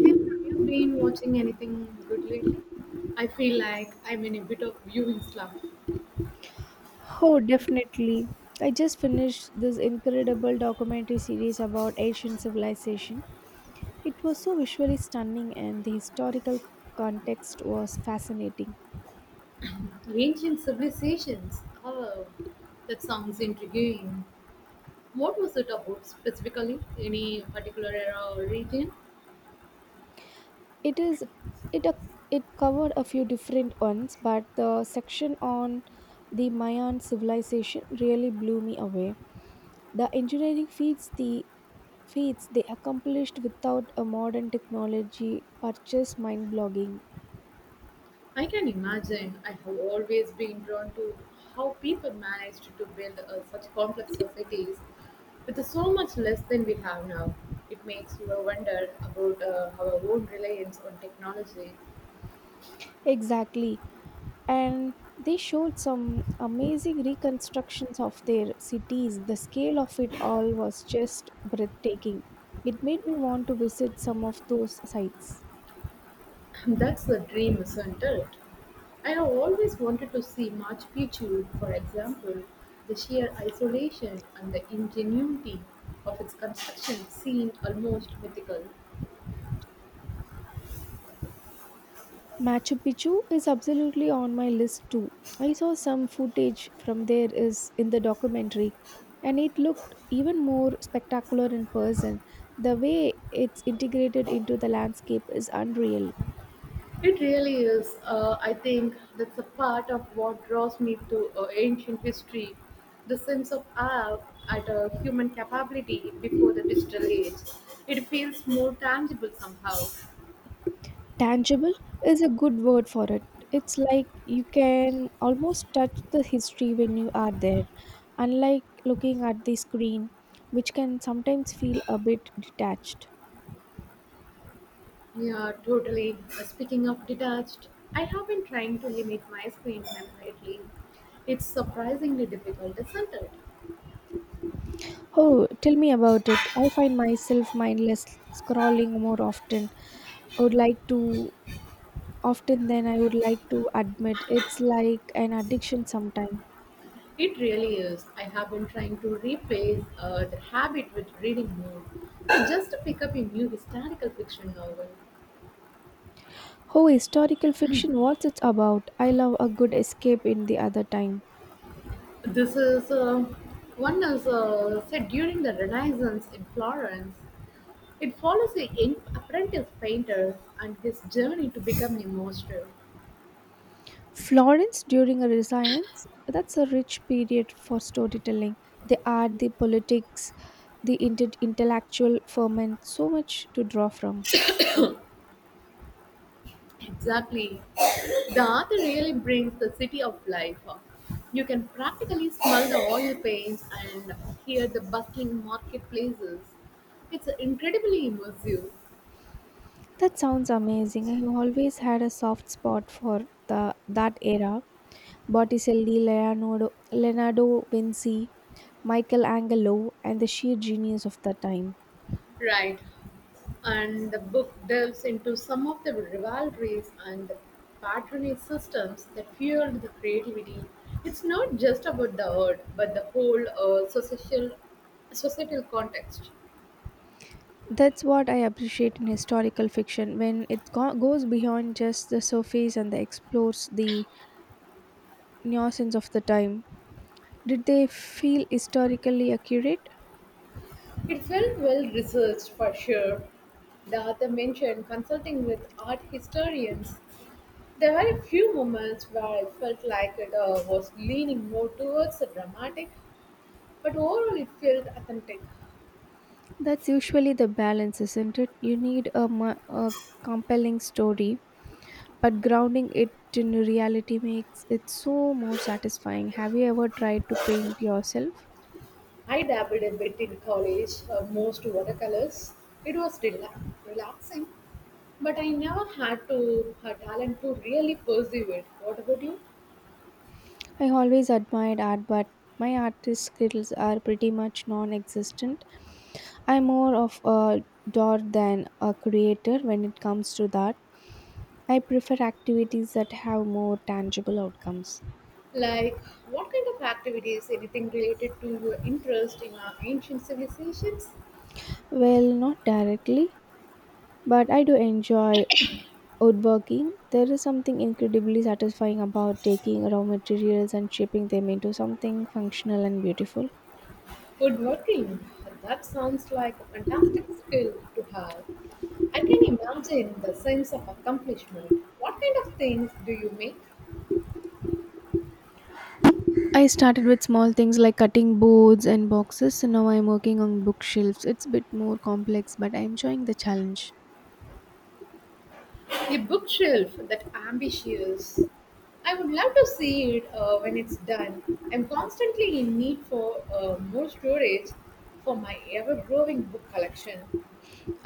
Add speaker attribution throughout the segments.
Speaker 1: Hey, have you been watching anything good lately? I feel like I'm in a bit of viewing slump.
Speaker 2: Oh, definitely. I just finished this incredible documentary series about Asian civilization. It was so visually stunning and the historical context was fascinating.
Speaker 1: Ancient civilizations. Oh, that sounds intriguing. What was it about specifically? Any particular era or region?
Speaker 2: It is it a- it covered a few different ones, but the section on the Mayan civilization really blew me away. The engineering feats they accomplished without a modern technology are just mind-blogging.
Speaker 1: I can imagine. I have always been drawn to how people managed to build such complex societies with so much less than we have now. It makes you wonder about our own reliance on technology.
Speaker 2: Exactly. And they showed some amazing reconstructions of their cities. The scale of it all was just breathtaking. It made me want to visit some of those sites.
Speaker 1: That's the dream, isn't it? I have always wanted to see Machu Picchu, for example. The sheer isolation and the ingenuity of its construction seem almost mythical.
Speaker 2: Machu Picchu is absolutely on my list too. I saw some footage from there is in the documentary and it looked even more spectacular in person. The way it's integrated into the landscape is unreal.
Speaker 1: It really is. I think that's a part of what draws me to ancient history, the sense of awe at a human capability before the digital age. It feels more tangible somehow.
Speaker 2: Tangible is a good word for it. It's like you can almost touch the history when you are there, unlike looking at the screen, which can sometimes feel a bit detached.
Speaker 1: Yeah, totally. Speaking of detached, I have been trying to limit my screen time lately. It's surprisingly difficult, isn't it?
Speaker 2: Oh, tell me about it. I find myself mindless scrolling more often I would like to often than I would like to admit. It's like an addiction sometimes.
Speaker 1: It really is. I have been trying to replace the habit with reading more. I just pick up a new historical fiction novel.
Speaker 2: Oh, historical fiction, what's it about? I love a good escape in the other time.
Speaker 1: This is one is set during the Renaissance in Florence. It follows a young apprentice painter and his journey to become a master.
Speaker 2: Florence during a Renaissance, that's a rich period for storytelling. The art, the politics, the intellectual ferment, so much to draw from.
Speaker 1: Exactly. The art really brings the city of life. You can practically smell the oil paints and hear the bustling marketplaces. It's incredibly immersive.
Speaker 2: That sounds amazing. I have always had a soft spot for the that era. Botticelli, Leonardo, Leonardo Vinci, Michelangelo, and the sheer genius of the time.
Speaker 1: Right. And the book delves into some of the rivalries and the patronage systems that fueled the creativity. It's not just about the art, but the whole social, societal context.
Speaker 2: That's what I appreciate in historical fiction, when it goes beyond just the surface and the explores the nuances of the time. Did they feel historically accurate?
Speaker 1: It felt well researched for sure. The author mentioned consulting with art historians. There were a few moments where I felt like it was leaning more towards the dramatic, but overall it felt authentic.
Speaker 2: That's usually the balance, isn't it? You need a compelling story, but grounding it in reality makes it so more satisfying. Have you ever tried to paint yourself?
Speaker 1: I dabbled a bit in college, most watercolors. It was relaxing, but I never had to her talent to really pursue it. What about you?
Speaker 2: I always admired art, but my artist skills are pretty much non existent. I'm more of a door than a creator when it comes to that. I prefer activities that have more tangible outcomes.
Speaker 1: Like, what kind of activities, anything related to your interest in our ancient civilizations?
Speaker 2: Well, not directly. But I do enjoy woodworking. There is something incredibly satisfying about taking raw materials and shaping them into something functional and beautiful.
Speaker 1: Woodworking. That sounds like a fantastic skill to have. I can imagine the sense of accomplishment. What kind of things do you make?
Speaker 2: I started with small things like cutting boards and boxes, so now I'm working on bookshelves. It's a bit more complex, but I'm enjoying the challenge.
Speaker 1: A bookshelf that ambitious. I would love to see it when it's done. I'm constantly in need for more storage for my ever growing book collection.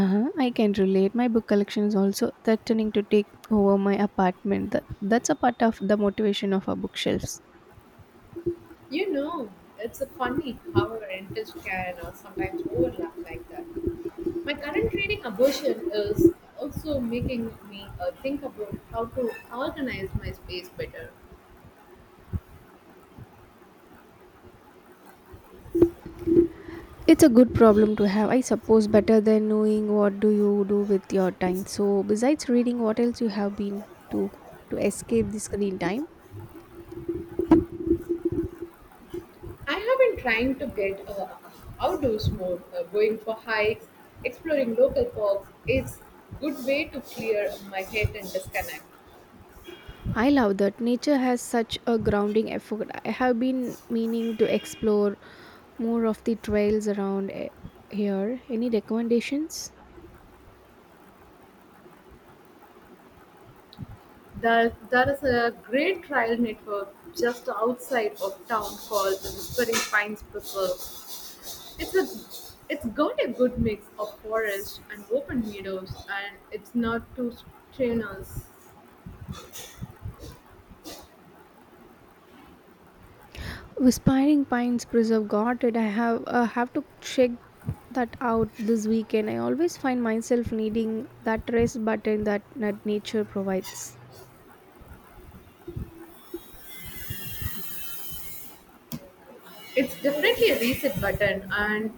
Speaker 2: Uh-huh, I can relate. My book collection is also threatening to take over my apartment. That's a part of the motivation of our bookshelves.
Speaker 1: You know, it's a funny how our interests can sometimes overlap like that. My current reading abortion is also making me think about how to organize my space better.
Speaker 2: It's a good problem to have, I suppose, better than knowing what do you do with your time. So, besides reading, what else you have been to to escape the screen time?
Speaker 1: I have been trying to get outdoors more, going for hikes, exploring local parks. It's good way to clear my head and disconnect.
Speaker 2: I love that nature has such a grounding effect. I have been meaning to explore more of the trails around here. Any recommendations?
Speaker 1: There is a great trail network just outside of town called the Whispering Pines Preserve. It's a it's got a good mix of forest and open meadows, and it's not too strenuous.
Speaker 2: Whispering Pines Preserve. Got it. I have to check that out this weekend. I always find myself needing that rest button that nature provides.
Speaker 1: It's definitely a reset button, and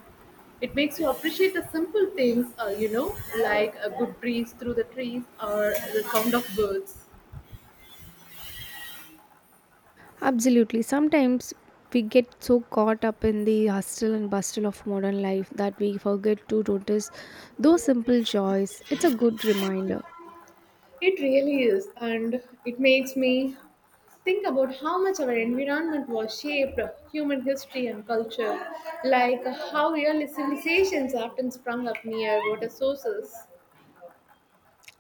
Speaker 1: it makes you appreciate the simple things, you know, like a good breeze through the trees or the sound of birds.
Speaker 2: Absolutely. Sometimes we get so caught up in the hustle and bustle of modern life that we forget to notice those simple joys. It's a good reminder.
Speaker 1: It really is, and it makes me think about how much our environment was shaped human history and culture, like how early civilizations often sprung up near water sources.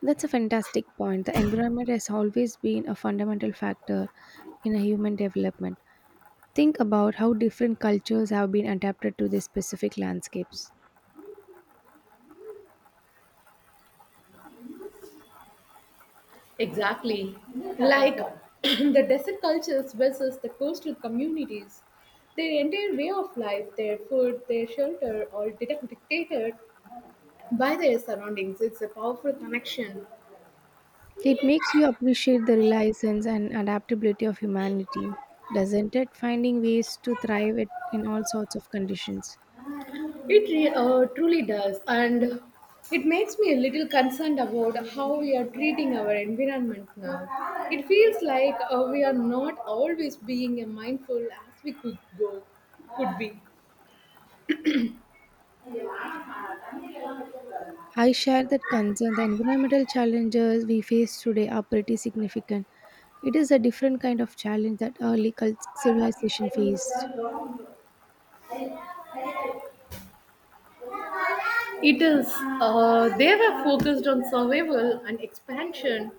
Speaker 2: That's a fantastic point. The environment has always been a fundamental factor in a human development. Think about how different cultures have been adapted to their specific landscapes.
Speaker 1: Exactly. Like the desert cultures versus the coastal communities. Their entire way of life, their food, their shelter, all dictated by their surroundings. It's a powerful connection.
Speaker 2: It makes you appreciate the resilience and adaptability of humanity, doesn't it? Finding ways to thrive it in all sorts of conditions.
Speaker 1: It truly does. And it makes me a little concerned about how we are treating our environment now. It feels like we are not always being mindful as we could go, could be.
Speaker 2: I share that concern. The environmental challenges we face today are pretty significant. It is a different kind of challenge that early civilization faced.
Speaker 1: It is. They were focused on survival and expansion,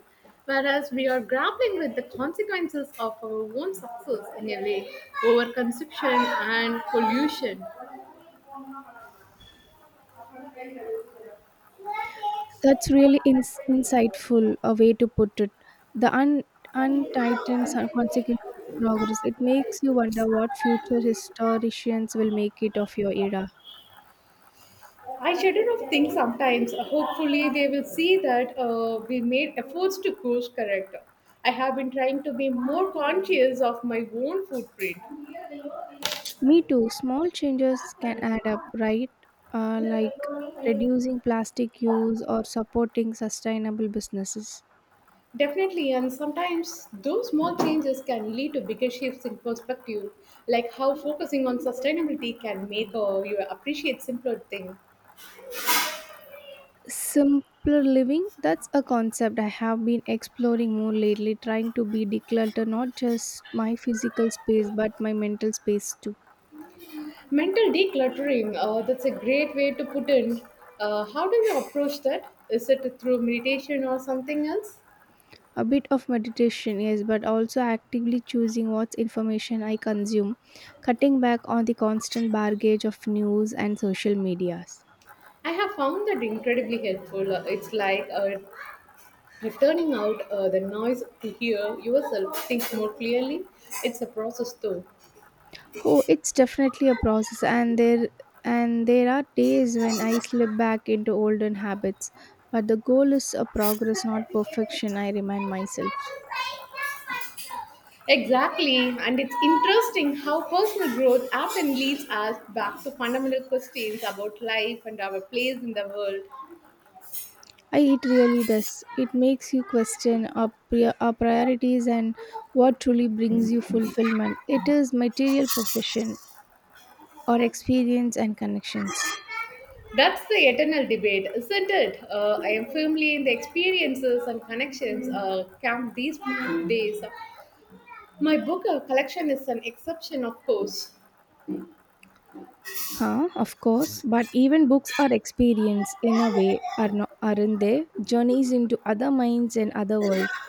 Speaker 1: whereas we are grappling with the consequences of our own success in a way, overconsumption and pollution.
Speaker 2: That's really insightful a way to put it. The un untightened consequence of progress. It makes you wonder what future historians will make it of your era.
Speaker 1: I shudder of things sometimes. Hopefully, they will see that we made efforts to course correct. I have been trying to be more conscious of my own footprint.
Speaker 2: Me too. Small changes can add up, right? Like reducing plastic use or supporting sustainable businesses.
Speaker 1: Definitely, and sometimes those small changes can lead to bigger shifts in perspective, like how focusing on sustainability can make you appreciate simpler things.
Speaker 2: Simpler living, that's a concept I have been exploring more lately, trying to be declutter not just my physical space but my mental space too.
Speaker 1: Mental decluttering, that's a great way to put in. How do you approach that? Is it through meditation or something else?
Speaker 2: A bit of meditation, yes, but also actively choosing what information I consume, cutting back on the constant baggage of news and social medias.
Speaker 1: I have found that incredibly helpful. It's like returning out the noise to hear yourself think more clearly. It's a process, though.
Speaker 2: Oh, it's definitely a process, and there are days when I slip back into olden habits, but the goal is a progress, not perfection, I remind myself.
Speaker 1: Exactly, and it's interesting how personal growth often leads us back to fundamental questions about life and our place in the world.
Speaker 2: I, it really does. It makes you question our priorities and what truly brings you fulfillment. It is material possession or experience and connections.
Speaker 1: That's the eternal debate, isn't it? I am firmly in the experiences and connections camp these days. My book collection is an exception, of course.
Speaker 2: Huh, of course, but even books are experience in a way, are not, aren't they? Journeys into other minds and other worlds.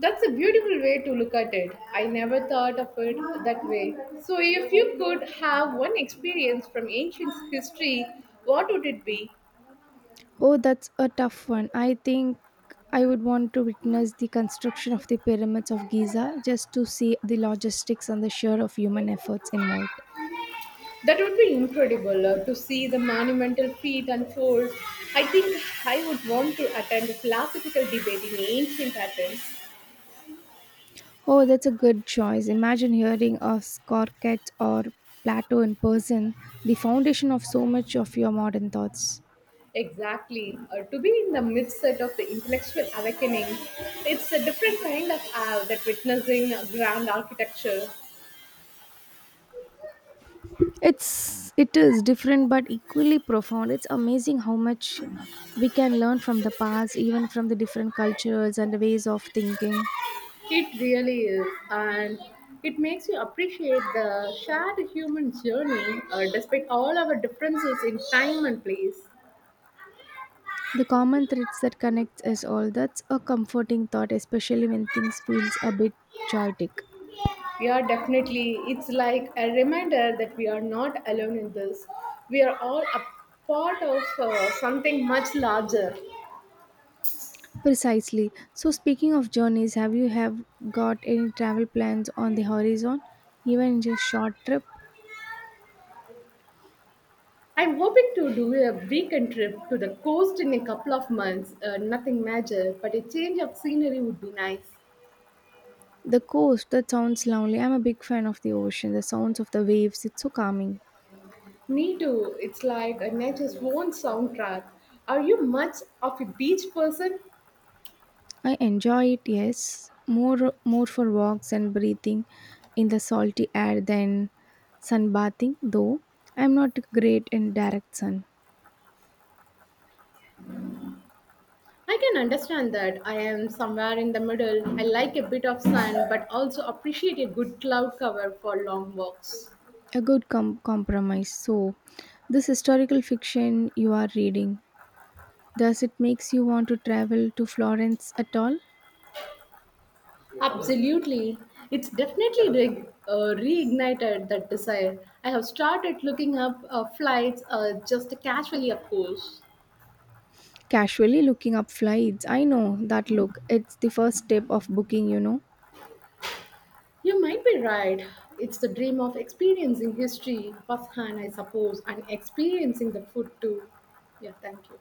Speaker 1: That's a beautiful way to look at it. I never thought of it that way. So, if you could have one experience from ancient history, what would it be?
Speaker 2: Oh, that's a tough one. I think I would want to witness the construction of the pyramids of Giza just to see the logistics and the share of human efforts involved.
Speaker 1: That would be incredible to see the monumental feat unfold. I think I would want to attend a philosophical debate in ancient Athens.
Speaker 2: Oh, that's a good choice. Imagine hearing of Scorchet or Plato in person, the foundation of so much of your modern thoughts.
Speaker 1: Exactly. To be in the midset of the intellectual awakening, it's a different kind of awe that witnessing grand architecture.
Speaker 2: It is different but equally profound. It's amazing how much we can learn from the past, even from the different cultures and ways of thinking.
Speaker 1: It really is. And it makes you appreciate the shared human journey despite all our differences in time and place.
Speaker 2: The common threads that connect us all. That's a comforting thought, especially when things feels a bit chaotic.
Speaker 1: Yeah, definitely. It's like a reminder that we are not alone in this. We are all a part of something much larger.
Speaker 2: Precisely. So speaking of journeys, have you have got any travel plans on the horizon? Even just short trip?
Speaker 1: I'm hoping to do a weekend trip to the coast in a couple of months. Nothing major, but a change of scenery would be nice.
Speaker 2: The coast, that sounds lovely. I'm a big fan of the ocean, the sounds of the waves, it's so calming.
Speaker 1: Me too. It's like a nature's own soundtrack. Are you much of a beach person?
Speaker 2: I enjoy it, yes. More for walks and breathing in the salty air than sunbathing, though I'm not great in direct sun.
Speaker 1: I can understand that. I am somewhere in the middle. I like a bit of sun, but also appreciate a good cloud cover for long walks.
Speaker 2: A good compromise. So, this historical fiction you are reading, does it makes you want to travel to Florence at all?
Speaker 1: Absolutely. It's definitely reignited that desire. I have started looking up flights just casually, of course.
Speaker 2: Casually looking up flights. I know that look. It's the first step of booking, you know.
Speaker 1: You might be right. It's the dream of experiencing history firsthand, I suppose, and experiencing the food too. Yeah, thank you.